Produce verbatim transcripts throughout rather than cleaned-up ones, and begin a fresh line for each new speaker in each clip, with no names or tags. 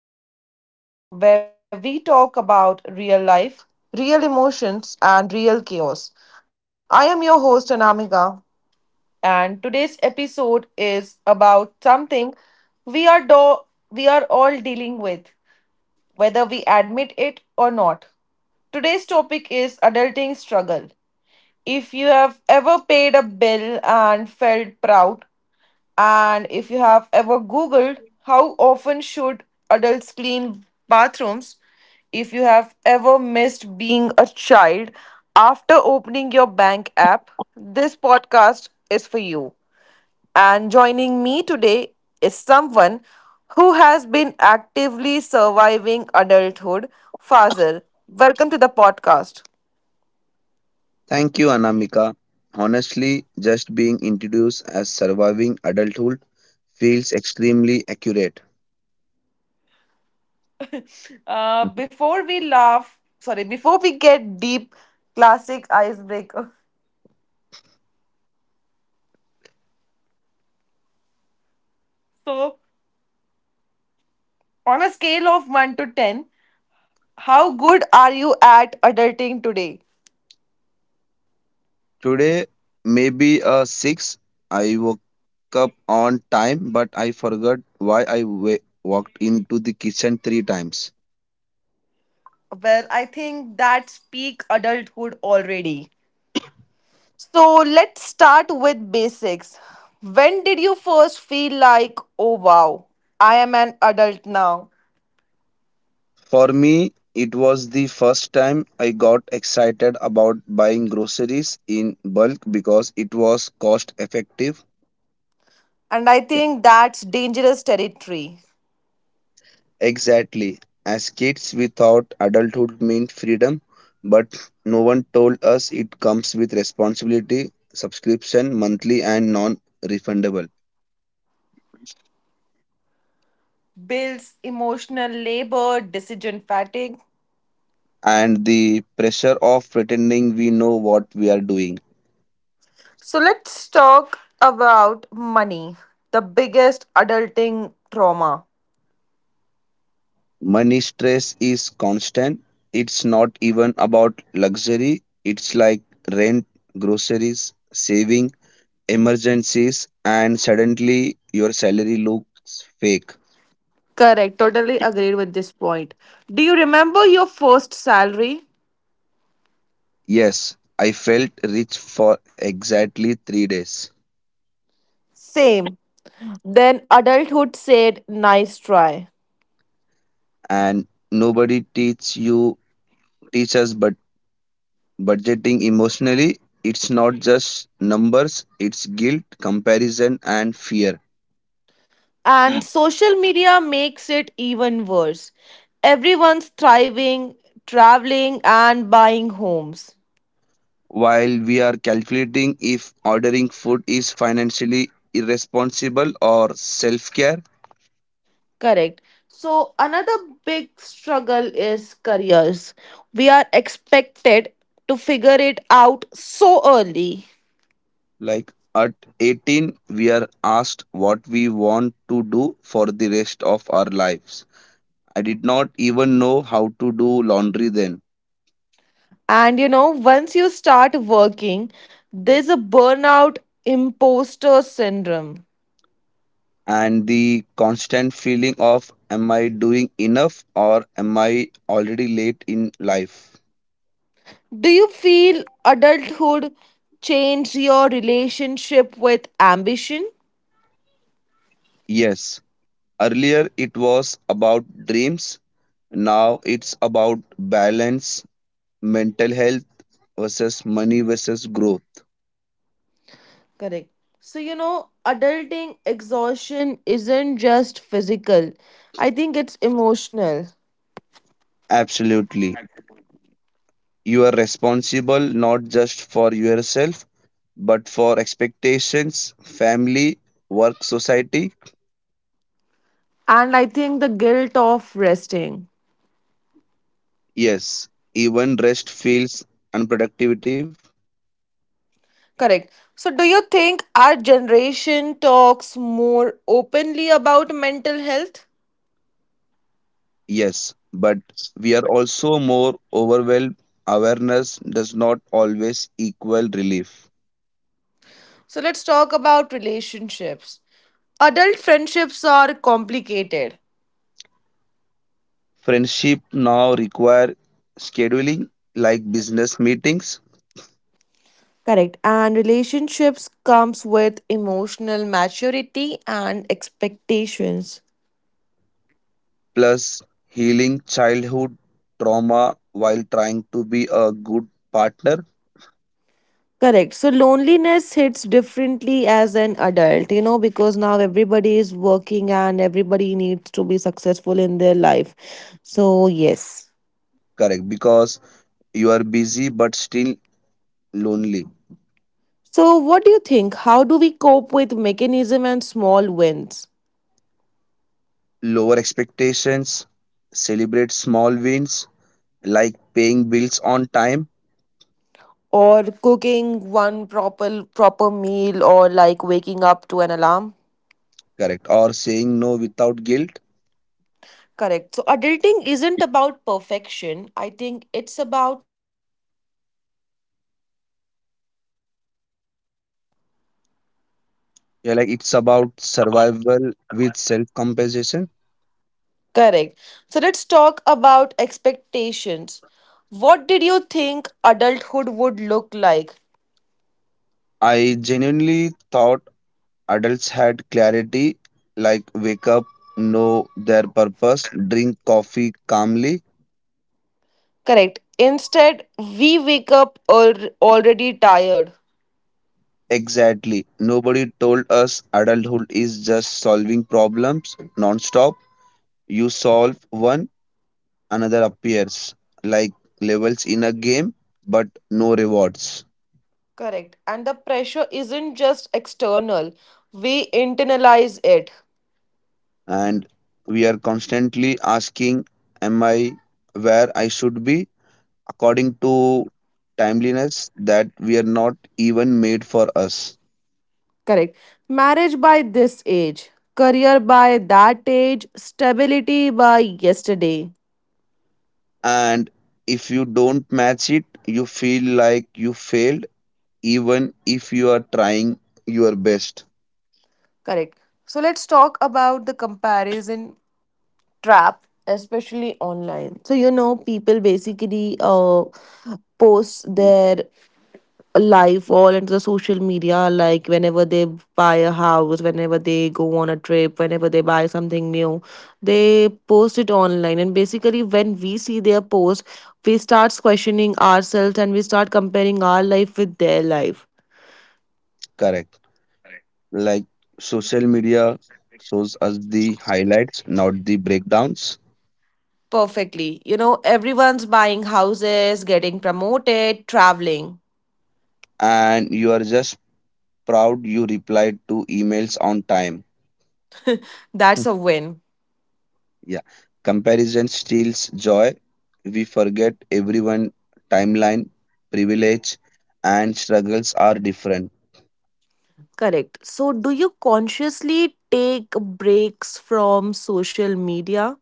Welcome back to the podcast where we talk about real life, real emotions, and real chaos. I am your host, Anamika, and today's episode is about something we are, do- we are all dealing with, whether we admit it or not. Today's topic is adulting struggle. If you have ever paid a bill and felt proud, and if you have ever Googled how often should adults clean bathrooms, if you have ever missed being a child after opening your bank app, this podcast is for you. And joining me today is someone who has been actively surviving adulthood, Fazil. Welcome to the podcast.
Thank you, Anamika. Honestly, just being introduced as surviving adulthood feels extremely accurate.
Uh, before we laugh, sorry, before we get deep, classic icebreaker. So, on a scale of one to ten, how good are you at adulting today?
Today, maybe a six, I woke up on time, but I forgot why I wa- walked into the kitchen three times.
Well, I think that's peak adulthood already. So let's start with basics. When did you first feel like, oh wow, I am an adult now?
For me, it was the first time I got excited about buying groceries in bulk because it was cost effective.
And I think that's dangerous territory.
Exactly. As kids, we thought adulthood meant freedom, but no one told us it comes with responsibility, subscription, monthly, and non refundable,
Builds emotional labor, decision fatigue.
and the pressure of pretending we know what we are doing.
So let's talk about money, the biggest adulting trauma.
Money stress is constant. It's not even about luxury, it's like rent, groceries, saving, emergencies, and suddenly your salary looks fake.
Correct. Totally agreed with this point. Do you remember your first salary?
Yes, I felt rich for exactly three days.
Same. Then adulthood said, nice try.
And nobody teach you teach us but budgeting emotionally. It's not just numbers, it's guilt, comparison and fear.
And social media makes it even worse. Everyone's thriving, traveling, and buying homes.
While we are calculating if ordering food is financially irresponsible or self-care.
Correct. So, another big struggle is careers. We are expected to figure it out so early.
Like at eighteen we are asked what we want to do for the rest of our lives. I did not even know how to do laundry then.
And you know, once you start working, there's a burnout imposter syndrome.
And the constant feeling of am I doing enough or am I already late in life?
Do you feel adulthood changed your relationship with ambition?
Yes, earlier it was about dreams, now it's about balance, mental health versus money versus growth.
Correct. So, you know, adulting exhaustion isn't just physical, I think it's emotional.
Absolutely. You are responsible not just for yourself but for expectations, family, work, society.
And I think the guilt of resting.
Yes, even rest feels unproductive.
Correct. So, do you think our generation talks more openly about mental health?
Yes, but we are also more overwhelmed. Awareness does not always equal relief.
So let's talk about relationships. Adult friendships are complicated.
Friendship now require scheduling like business meetings,
Correct. And relationships comes with emotional maturity and expectations.
plus healing childhood trauma while trying to be a good partner.
Correct. So loneliness hits differently as an adult, you know, because now everybody is working and everybody needs to be successful in their life. So, yes.
Correct, because you are busy but still lonely.
So, what do you think? How do we cope with mechanism and small wins?
Lower expectations, celebrate small wins like paying bills on time,
Or cooking one proper proper meal, or like waking up to an alarm.
correct, or saying no without guilt.
Correct. So adulting isn't about perfection, I think it's about.
Yeah, like it's about survival with self compensation.
Correct. So let's talk about expectations. What did you think adulthood would look like?
I genuinely thought adults had clarity, like wake up, know their purpose, drink coffee calmly.
Correct. Instead, we wake up al- already tired.
Exactly. Nobody told us adulthood is just solving problems non-stop. You solve one, another appears, like levels in a game, but no rewards.
Correct. And the pressure isn't just external, we internalize it.
And we are constantly asking, am I where I should be? According to timeliness that we are not even made for us.
Correct. Marriage by this age, career by that age, stability by yesterday.
And if you don't match it, you feel like you failed, even if you are trying your best.
Correct. So let's talk about the comparison trap, especially online. So, you know, people basically uh, post
Mhm.
their life all into the social media, like whenever they buy a house, whenever they go on a trip, whenever they buy something new, they post it online. And basically, when we see their post, we start questioning ourselves and we start comparing our life with their life.
Correct. Like social media shows us the highlights, not the breakdowns.
Perfectly. You know, everyone's buying houses, getting promoted, traveling.
And you are just proud you replied to emails on time.
That's a win.
Yeah. Comparison steals joy. We forget everyone timeline, privilege, and struggles are different.
Correct. So, do you consciously take breaks from social media?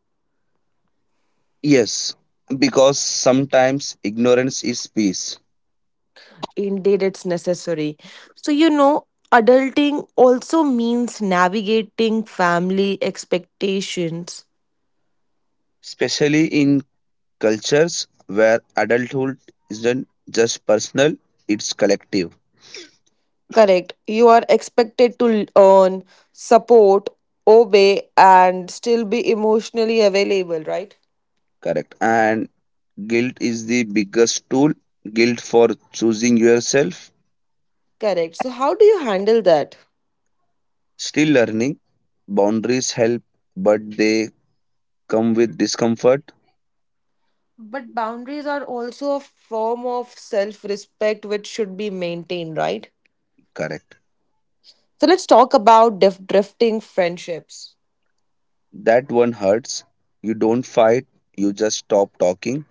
Yes, because sometimes ignorance is peace,
Indeed, it's necessary. So, you know, adulting also means navigating family expectations.
especially in cultures where adulthood isn't just personal, it's collective.
Correct. You are expected to earn, support, obey, and still be emotionally available, right?
Correct. And guilt is the biggest tool. Guilt for choosing yourself.
Correct. So, how do you handle that?
Still learning. Boundaries help, but they come with discomfort.
But boundaries are also a form of self respect which should be maintained, right?
Correct.
So let's talk about dif- drifting friendships.
That one hurts. You don't fight, you just stop talking.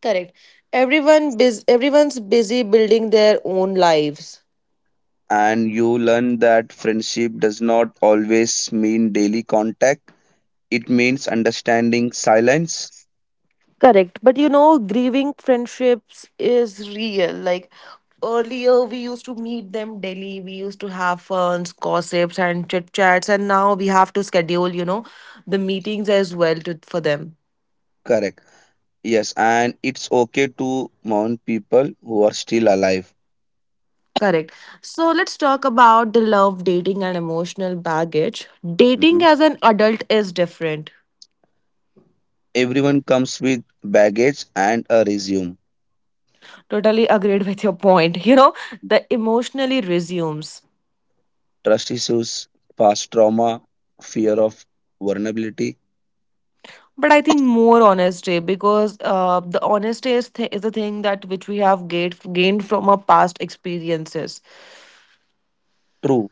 Correct. Everyone bus- everyone's busy building their own lives.
And you learn that friendship does not always mean daily contact, it means understanding silence.
Correct. But you know, grieving friendships is real. Like earlier we used to meet them daily, we used to have funs, gossips and chit chats, and now we have to schedule, you know, the meetings as well to, for them.
Correct. Yes, and it's okay to mourn people who are still alive.
Correct. So let's talk about the love, dating, and emotional baggage. Dating
Mhm.
as an adult is different.
Everyone comes with baggage and a resume.
Totally agreed with your point. You know, the emotionally resumes.
Trust issues, past trauma, fear of vulnerability.
But I think more honesty because uh, the honesty is, th- is the thing that which we have gained gained from our past experiences.
True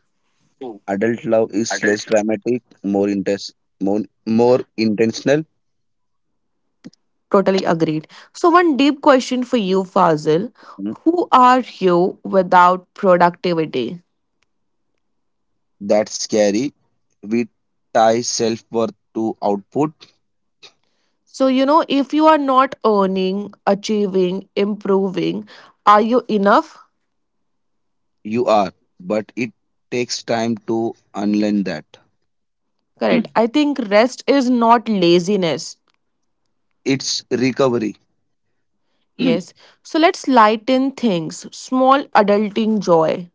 adult love is less dramatic, more intense, more, more intentional.
Totally agreed. So one deep question for you, Fazil:
Mm,
who are you without productivity?
that's scary. We tie self worth to output.
So you know, if you are not earning, achieving, improving, are you enough?
You are, but it takes time to unlearn that.
Correct. I think rest is not laziness.
It's recovery.
Yes. So let's lighten things. Small adulting joy.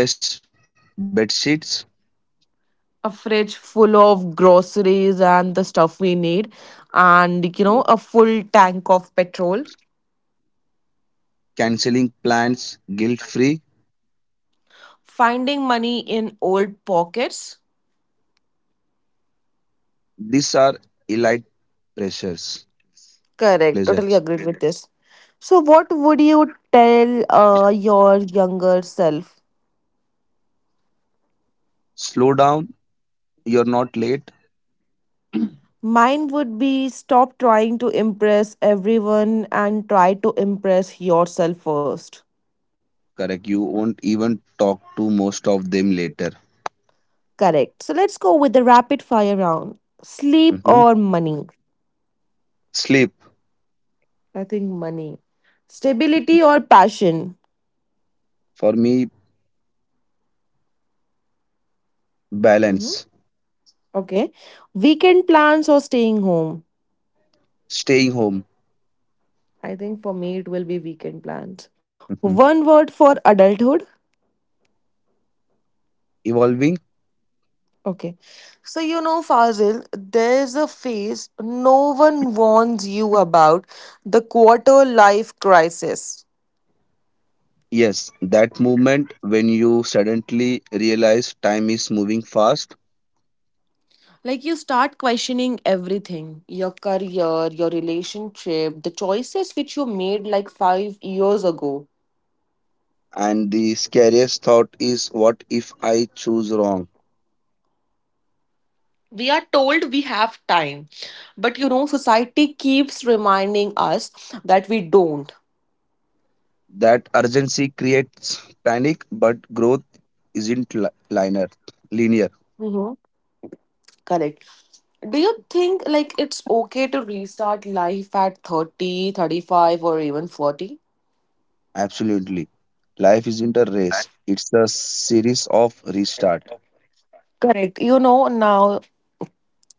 Fresh bed sheets.
A fridge full of groceries and the stuff we need, and you know,
Yeah.
a full tank of petrol.
Canceling plans, guilt free.
Finding money in old pockets.
These are elite pressures,
Correct. Totally
pleasures.
agreed with this. So, what would you tell uh, your younger self?
Slow down. You're not late.
Mine would be stop trying to impress everyone and try to impress yourself first.
Correct. You won't even talk to most of them later.
Correct. So let's go with the rapid fire round. Sleep
Mhm.
or money?
Sleep,
I think money. Stability or passion?
for me,
Hmm.
balance.
Okay. Weekend plans or staying home?
Staying home.
I think for me it will be weekend plans.
Mhm.
One word for adulthood?
Evolving.
Okay. So you know, Fazil, there's a phase no one warns you about, the quarter life crisis.
Yes, that movement when you suddenly realize time is moving fast,
Like you start questioning everything, your career, your relationship, the choices which you made like five years ago.
and the scariest thought is, what if I choose wrong?
We are told we have time, but you know, society keeps reminding us that we don't.
That urgency creates panic, but growth isn't li- linear. Linear,
Mhm. Correct. Do you think like it's okay to restart life at thirty, thirty-five, or even forty?
absolutely. Life isn't a race, it's a series of restart.
Correct. You know, now,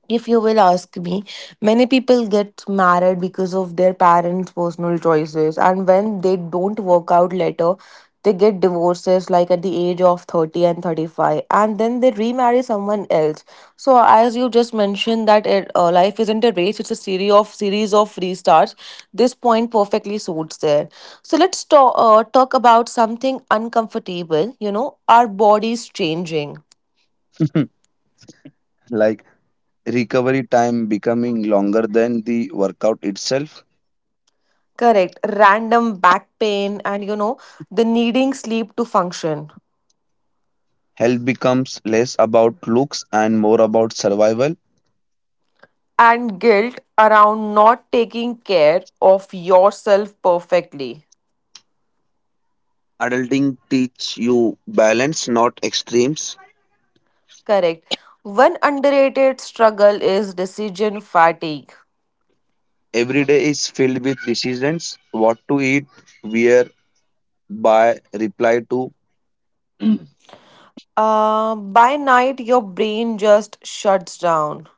if you will ask me, many people get married because of their parents' personal choices, and when they don't work out later, they get divorces like at the age of thirty and thirty-five, and then they remarry someone else. So, as you just mentioned, that it, uh, life isn't a race, it's a series of series of restarts. This point perfectly suits there. So, let's talk, uh, talk about something uncomfortable, you know, our bodies changing.
Like recovery time becoming longer than the workout itself.
Correct. Random back pain and you know, the needing sleep to function.
Health becomes less about looks and more about survival.
And guilt around not taking care of yourself perfectly.
Adulting teach you balance, not extremes.
Correct. One underrated struggle is decision fatigue.
Every day is filled with decisions what to eat, where, buy, reply to.
Uh, by night, your brain just shuts down.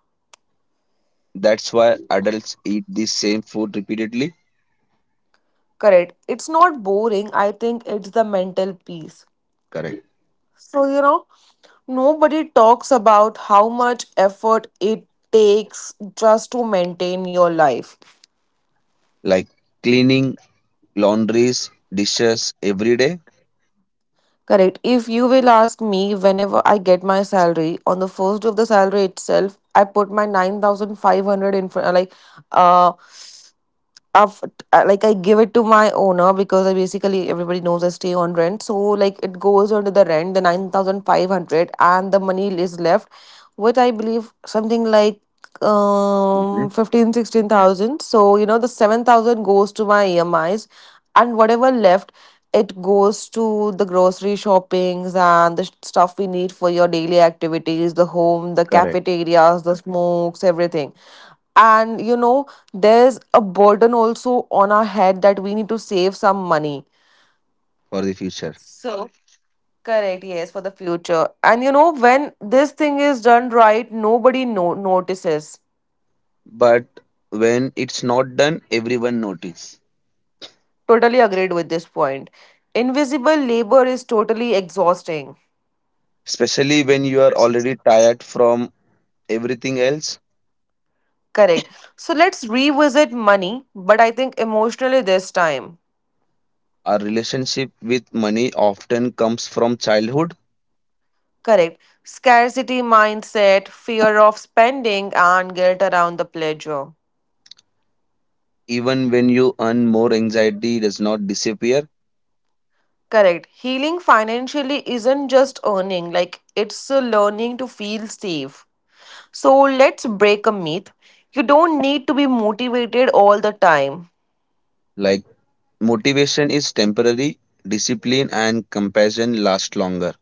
That's why adults eat the same food repeatedly.
Correct. It's not boring. I think it's the mental piece.
Correct.
So, you know, nobody talks about how much effort it takes just to maintain your life.
Like cleaning laundries, dishes every day.
Correct. If you will ask me, whenever I get my salary, on the first day of the salary itself, I put my nine thousand five hundred in front, like, uh, Of like I give it to my owner because I basically everybody knows I stay on rent. So like it goes under the rent, the nine thousand five hundred, and the money is left, which I believe something like
Mhm.
um fifteen sixteen thousand. So you know the seven thousand goes to my E M Is, and whatever left, it goes to the grocery shoppings and the stuff we need for your daily activities, the home, the
Correct.
cafeterias, the smokes, everything. And you know there's a burden also on our head that we need to save some money,
For the future.
so correct, yes, for the future. And you know when this thing is done right, nobody no- notices.
But when it's not done everyone notice.
Totally agreed with this point. Invisible labor is totally exhausting.
Especially when you are already tired from everything else.
Correct. So let's revisit money, but I think emotionally this time.
Our relationship with money often comes from childhood.
Correct. Scarcity mindset, fear of spending, and guilt around the pleasure.
Even when you earn more anxiety does not disappear.
Correct. Healing financially isn't just earning, like it's a learning to feel safe. So let's break a myth. You don't need to be motivated all the time.
Like motivation is temporary, discipline and compassion last longer.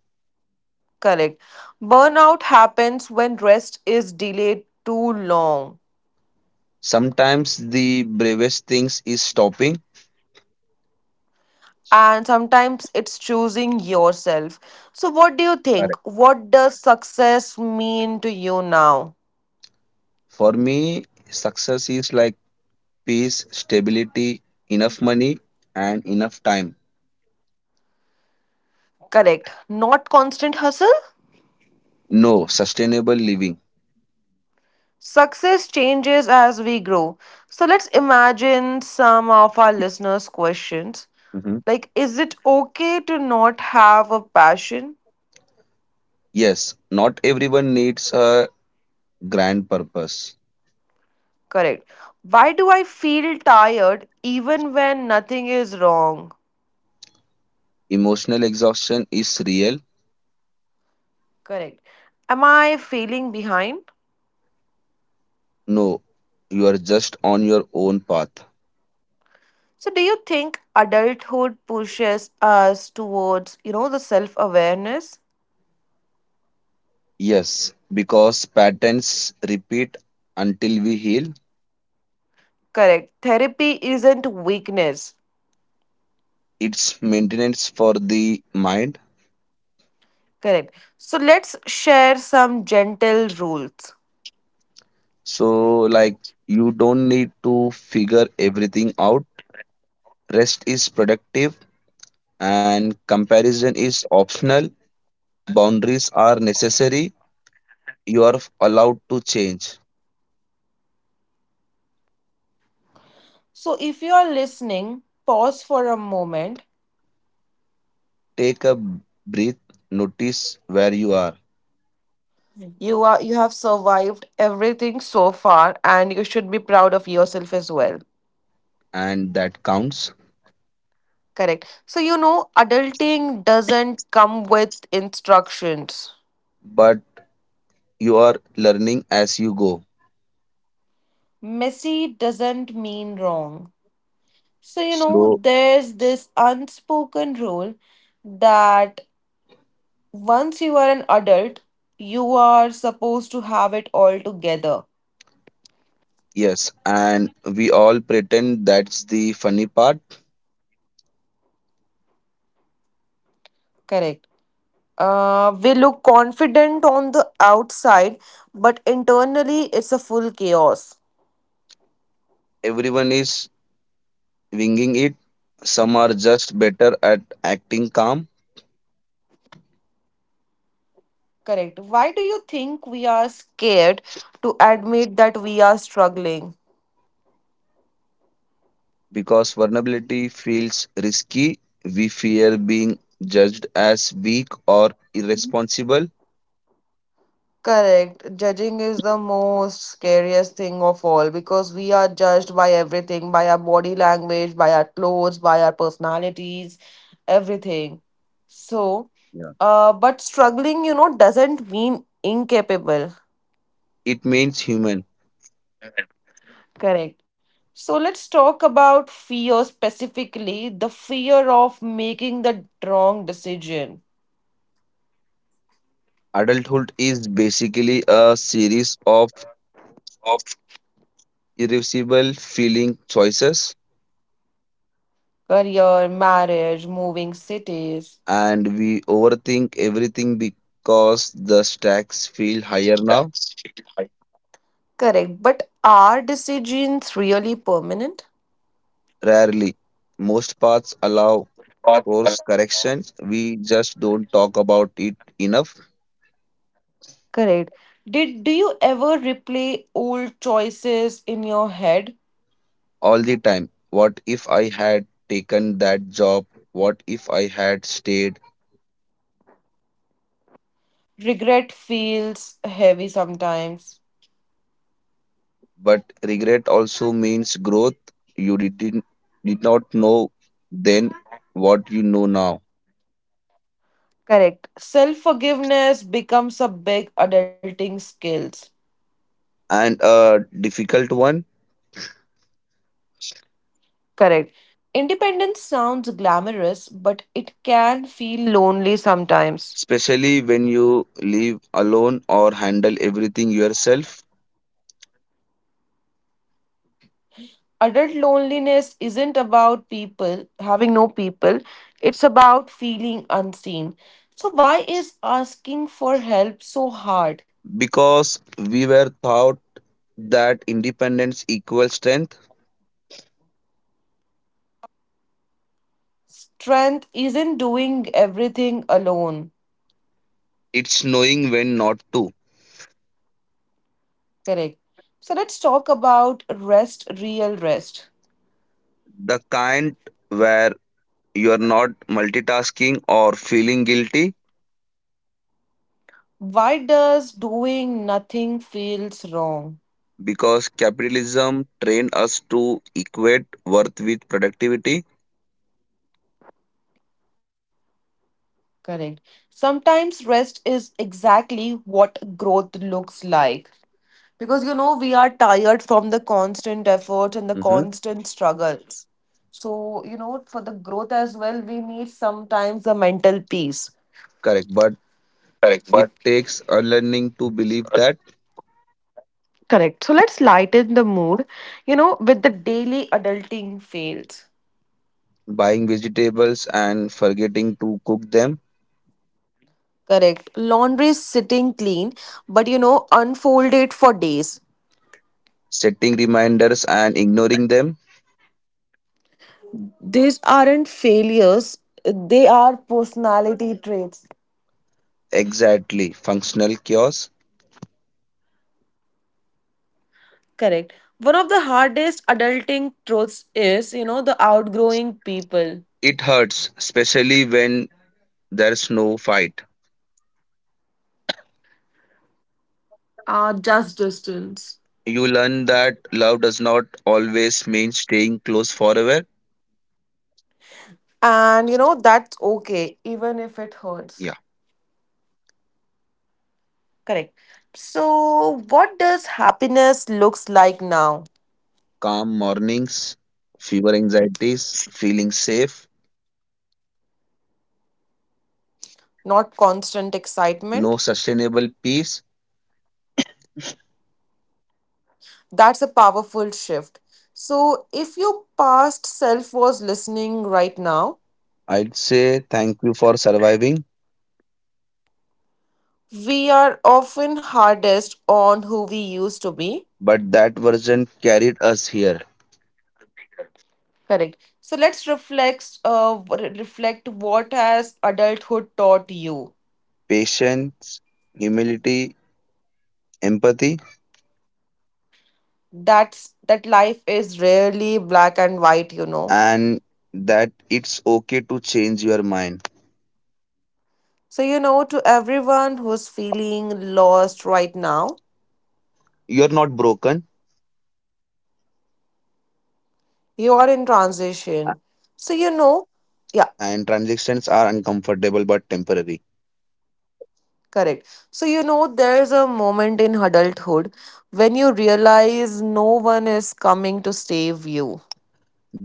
Correct. Burnout happens when rest is delayed too long.
Sometimes the bravest things is stopping.
And sometimes it's choosing yourself. So, what do you
Correct.
think? What does success mean to you now?
For me, success is like peace, stability, enough money, and enough time.
Correct. Not constant hustle?
No, sustainable living.
Success changes as we grow. So let's imagine some of our listeners' questions.
Mhm.
Like, is it okay to not have a passion?
Yes, not everyone needs a grand purpose.
Correct. Why do I feel tired even when nothing is wrong?
Emotional exhaustion is real.
Correct. Am I feeling behind?
No, you are just on your own path.
So, do you think adulthood pushes us towards, you know, the self awareness?
Yes, because patterns repeat until we heal.
Correct. Therapy isn't weakness.
It's maintenance for the mind.
Correct. So, let's share some gentle rules.
So, like, you don't need to figure everything out. Rest is productive and comparison is optional. Boundaries are necessary. You are allowed to change.
So if you are listening, pause for a moment.
Take a breath, notice where you are,
You are you have survived everything so far and you should be proud of yourself as well.
and that counts.
Correct. So you know adulting doesn't come with instructions.
But you are learning as you go.
Messy doesn't mean wrong. So you know
Slow,
there's this unspoken rule that once you are an adult, you are supposed to have it all together.
yes. And we all pretend that's the funny part.
Correct. Uh, we look confident on the outside, but internally it's a full chaos.
Everyone is winging it. Some are just better at acting calm,
Correct. Why do you think we are scared to admit that we are struggling?
because vulnerability feels risky. We fear being judged as weak or irresponsible.
Correct. Judging is the most scariest thing of all because we are judged by everything, by our body language, by our clothes, by our personalities, everything. So,
Yeah.
uh, but struggling, you know, doesn't mean incapable.
It means human.
Correct. So let's talk about fear, specifically the fear of making the wrong decision.
Adulthood is basically a series of irreversible feeling choices,
Career, marriage, moving cities.
and we overthink everything because the stacks feel higher now.
Correct. But are decisions really permanent?
Rarely, most paths allow course corrections. We just don't talk about it enough.
Correct. Did do you ever replay old choices in your head?
All the time. What if I had taken that job? What if I had stayed?
Regret feels heavy sometimes.
But regret also means growth. You did, did not know then what you know now.
Correct. Self forgiveness becomes a big adulting skills.
And a difficult one,
Correct. Independence sounds glamorous, but it can feel lonely sometimes.
especially when you live alone or handle everything yourself,
Adult loneliness isn't about people having no people, it's about feeling unseen. So, why is asking for help so hard?
because we were taught that independence equals strength.
Strength isn't doing everything alone.
It's knowing when not to.
Correct. So, let's talk about rest, real rest.
The kind where you are not multitasking or feeling guilty,
Why does doing nothing feels wrong?
because capitalism trained us to equate worth with productivity.
Correct. Sometimes rest is exactly what growth looks like. Because you know, we are tired from the constant effort and the
Hmm.
constant struggles. So, you know, for the growth as well, we need sometimes the mental peace.
Correct, but it takes unlearning to believe that.
Correct. So let's lighten the mood, you know, with the daily adulting fails.
Buying vegetables and forgetting to cook them,
Correct. Laundry is sitting clean, but you know, unfolded for days.
setting reminders and ignoring them.
These aren't failures, they are personality traits.
Exactly, functional chaos.
Correct. One of the hardest adulting truths is, you know, the outgrowing people.
It hurts, especially when there's no fight.
Uh, just distance.
You learn that love does not always mean staying close forever.
And you know, that's okay, even if it hurts.
Yeah,
Correct. So, what does happiness looks like now?
calm mornings, fewer anxieties, feeling safe.
Not constant excitement.
No, sustainable peace.
That's a powerful shift. So, if your past self was listening right now,
I'd say thank you for surviving,
we are often hardest on who we used to be.
but that version carried us here.
Correct. So let's reflect uh, w- reflect what has adulthood taught you.
Patience, humility, empathy,
That's that life is rarely black and white, you know.
and that it's okay to change your mind.
So you know, to everyone who's feeling lost right now,
You're not broken,
you are in
a-
transition. So you know, yeah,
and transactions are uncomfortable but temporary.
correct. So you know there's a moment in adulthood when you realize no one is coming to save you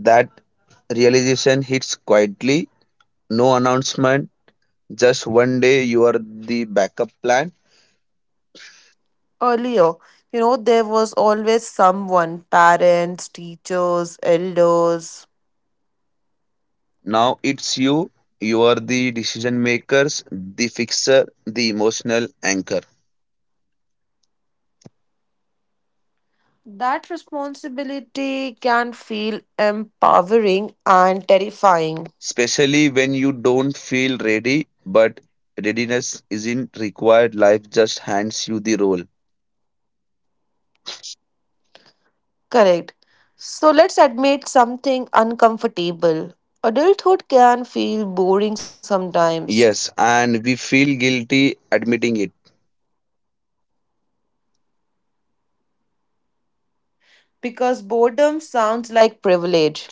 That realization hits quietly, no announcement, just one day you are the backup plan.
earlier, you know, there was always someone, parents, teachers, elders.
Now it's you. You are the decision makers, the fixer, the emotional anchor.
That responsibility can feel empowering and terrifying.
Especially when you don't feel ready, but readiness isn't required. Life just hands you the role.
Correct. So let's admit something uncomfortable. Adulthood can feel boring sometimes
Yes, and we feel guilty admitting it.
because boredom sounds like privilege.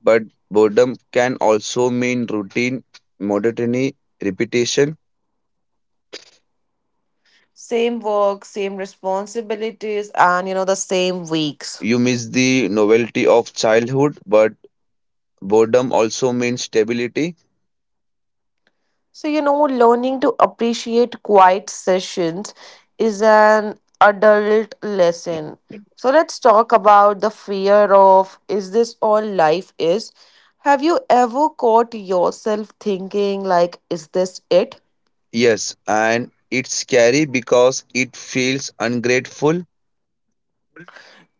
But boredom can also mean routine, monotony, repetition.
Same work, same responsibilities, and you know, the same weeks.
You miss the novelty of childhood, but boredom also means stability.
So, you know, learning to appreciate quiet sessions is an adult lesson. So, let's talk about the fear of is this all life is? Have you ever caught yourself thinking, like, is this it?
Yes, and it's scary because it feels ungrateful.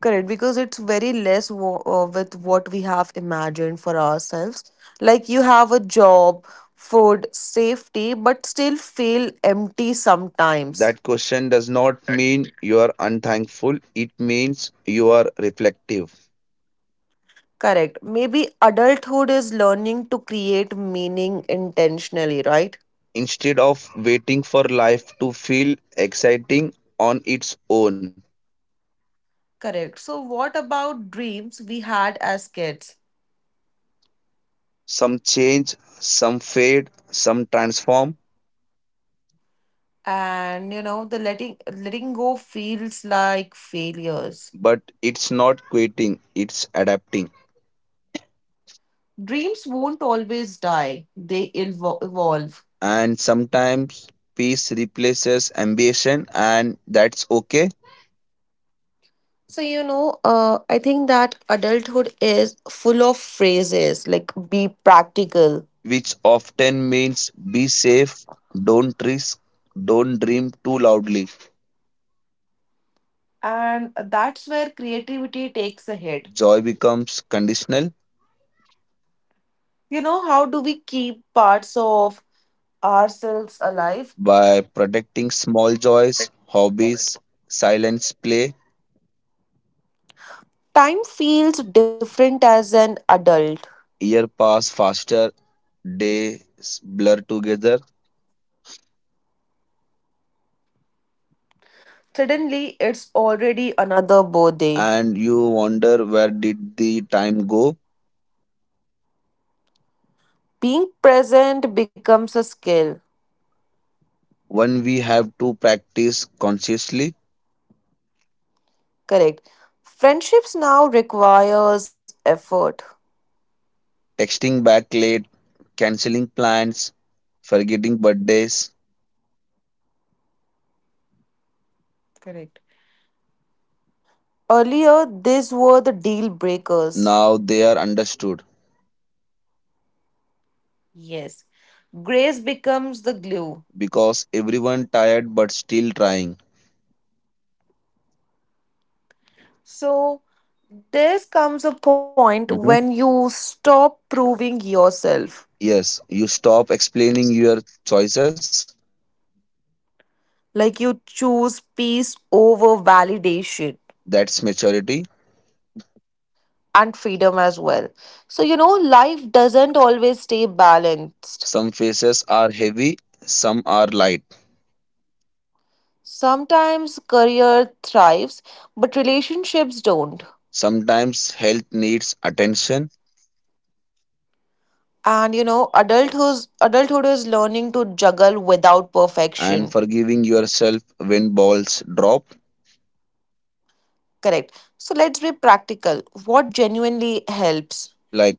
Correct, because it's very less wo- uh, with what we have imagined for ourselves. Like, you have a job, food, safety, but still feel empty sometimes.
That question does not mean you are unthankful, it means you are reflective.
Correct. Maybe adulthood is learning to create meaning intentionally, right?
Instead of waiting for life to feel exciting on its own,
Correct. So what about dreams we had as kids?
some change, some fade, some transform,
And you know, the letting letting go feels like failures.
but it's not quitting, it's adapting.
Dreams won't always die. They elvo- evolve.
And sometimes peace replaces ambition, and that's okay,
So you know, uh, I think that adulthood is full of phrases like be practical.
which often means be safe, don't risk, don't dream too loudly.
And that's where creativity takes a hit.
Joy becomes conditional
You know, how do we keep parts of ourselves alive.
by protecting small joys, hobbies, silence play.
Time feels different as an adult.
Year pass faster, days blur together,
Suddenly, it's already another birthday.
and you wonder where did the time go.
Being present becomes a skill.
One we have to practice consciously.
Correct. Friendships now requires effort.
Texting back late, cancelling plans, forgetting birthdays.
Correct. Earlier, these were the deal breakers.
Now they are understood.
Yes. Grace becomes the glue.
Because everyone tired but still trying.
So, there comes a point when
Mhm.
you stop proving yourself.
Yes, you stop explaining your choices.
Like you choose peace over validation
That's maturity.
and freedom as well. So, you know, life doesn't always stay balanced.
Some faces are heavy, some are light.
Sometimes career thrives, but relationships don't.
Sometimes health needs attention.
And you know, adulthood adulthood is learning to juggle without
And
perfection.
forgiving yourself when balls drop.
Correct. So let's be practical. What genuinely helps?
Like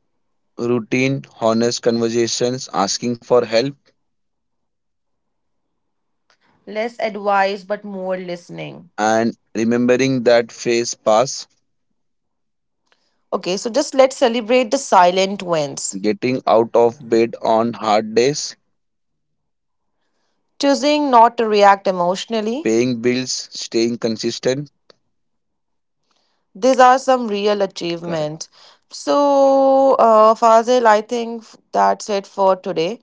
routine, honest conversations, asking for help,
Less advice, but more listening.
and remembering that phase pass.
Okay, so just let's celebrate the silent wins.
Getting out of bed on hard days,
Choosing not to react emotionally.
paying bills, staying consistent.
These are some real
Correct.
achievements. So, uh, Fazil, I think that's it for today.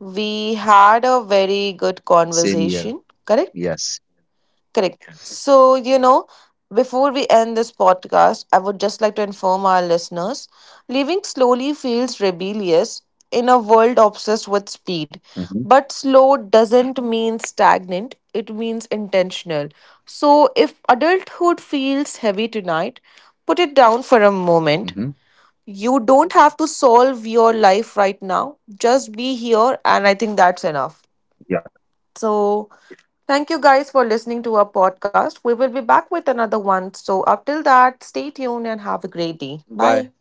We had a very good
Same here.
conversation, correct?
Yes.
Correct. So, you know, before we end this podcast, I would just like to inform our listeners living slowly feels rebellious in a world obsessed with speed.
Hmm.
But slow doesn't mean stagnant, it means intentional. So, if adulthood feels heavy tonight, put it down for a moment.
Hmm.
You don't have to solve your life right now, just be here, and I think that's enough.
Yeah.
So, thank you guys for listening to our podcast. We will be back with another one. So, up till that, stay tuned and have a great
Bye.
day.
Thank you.
Bye.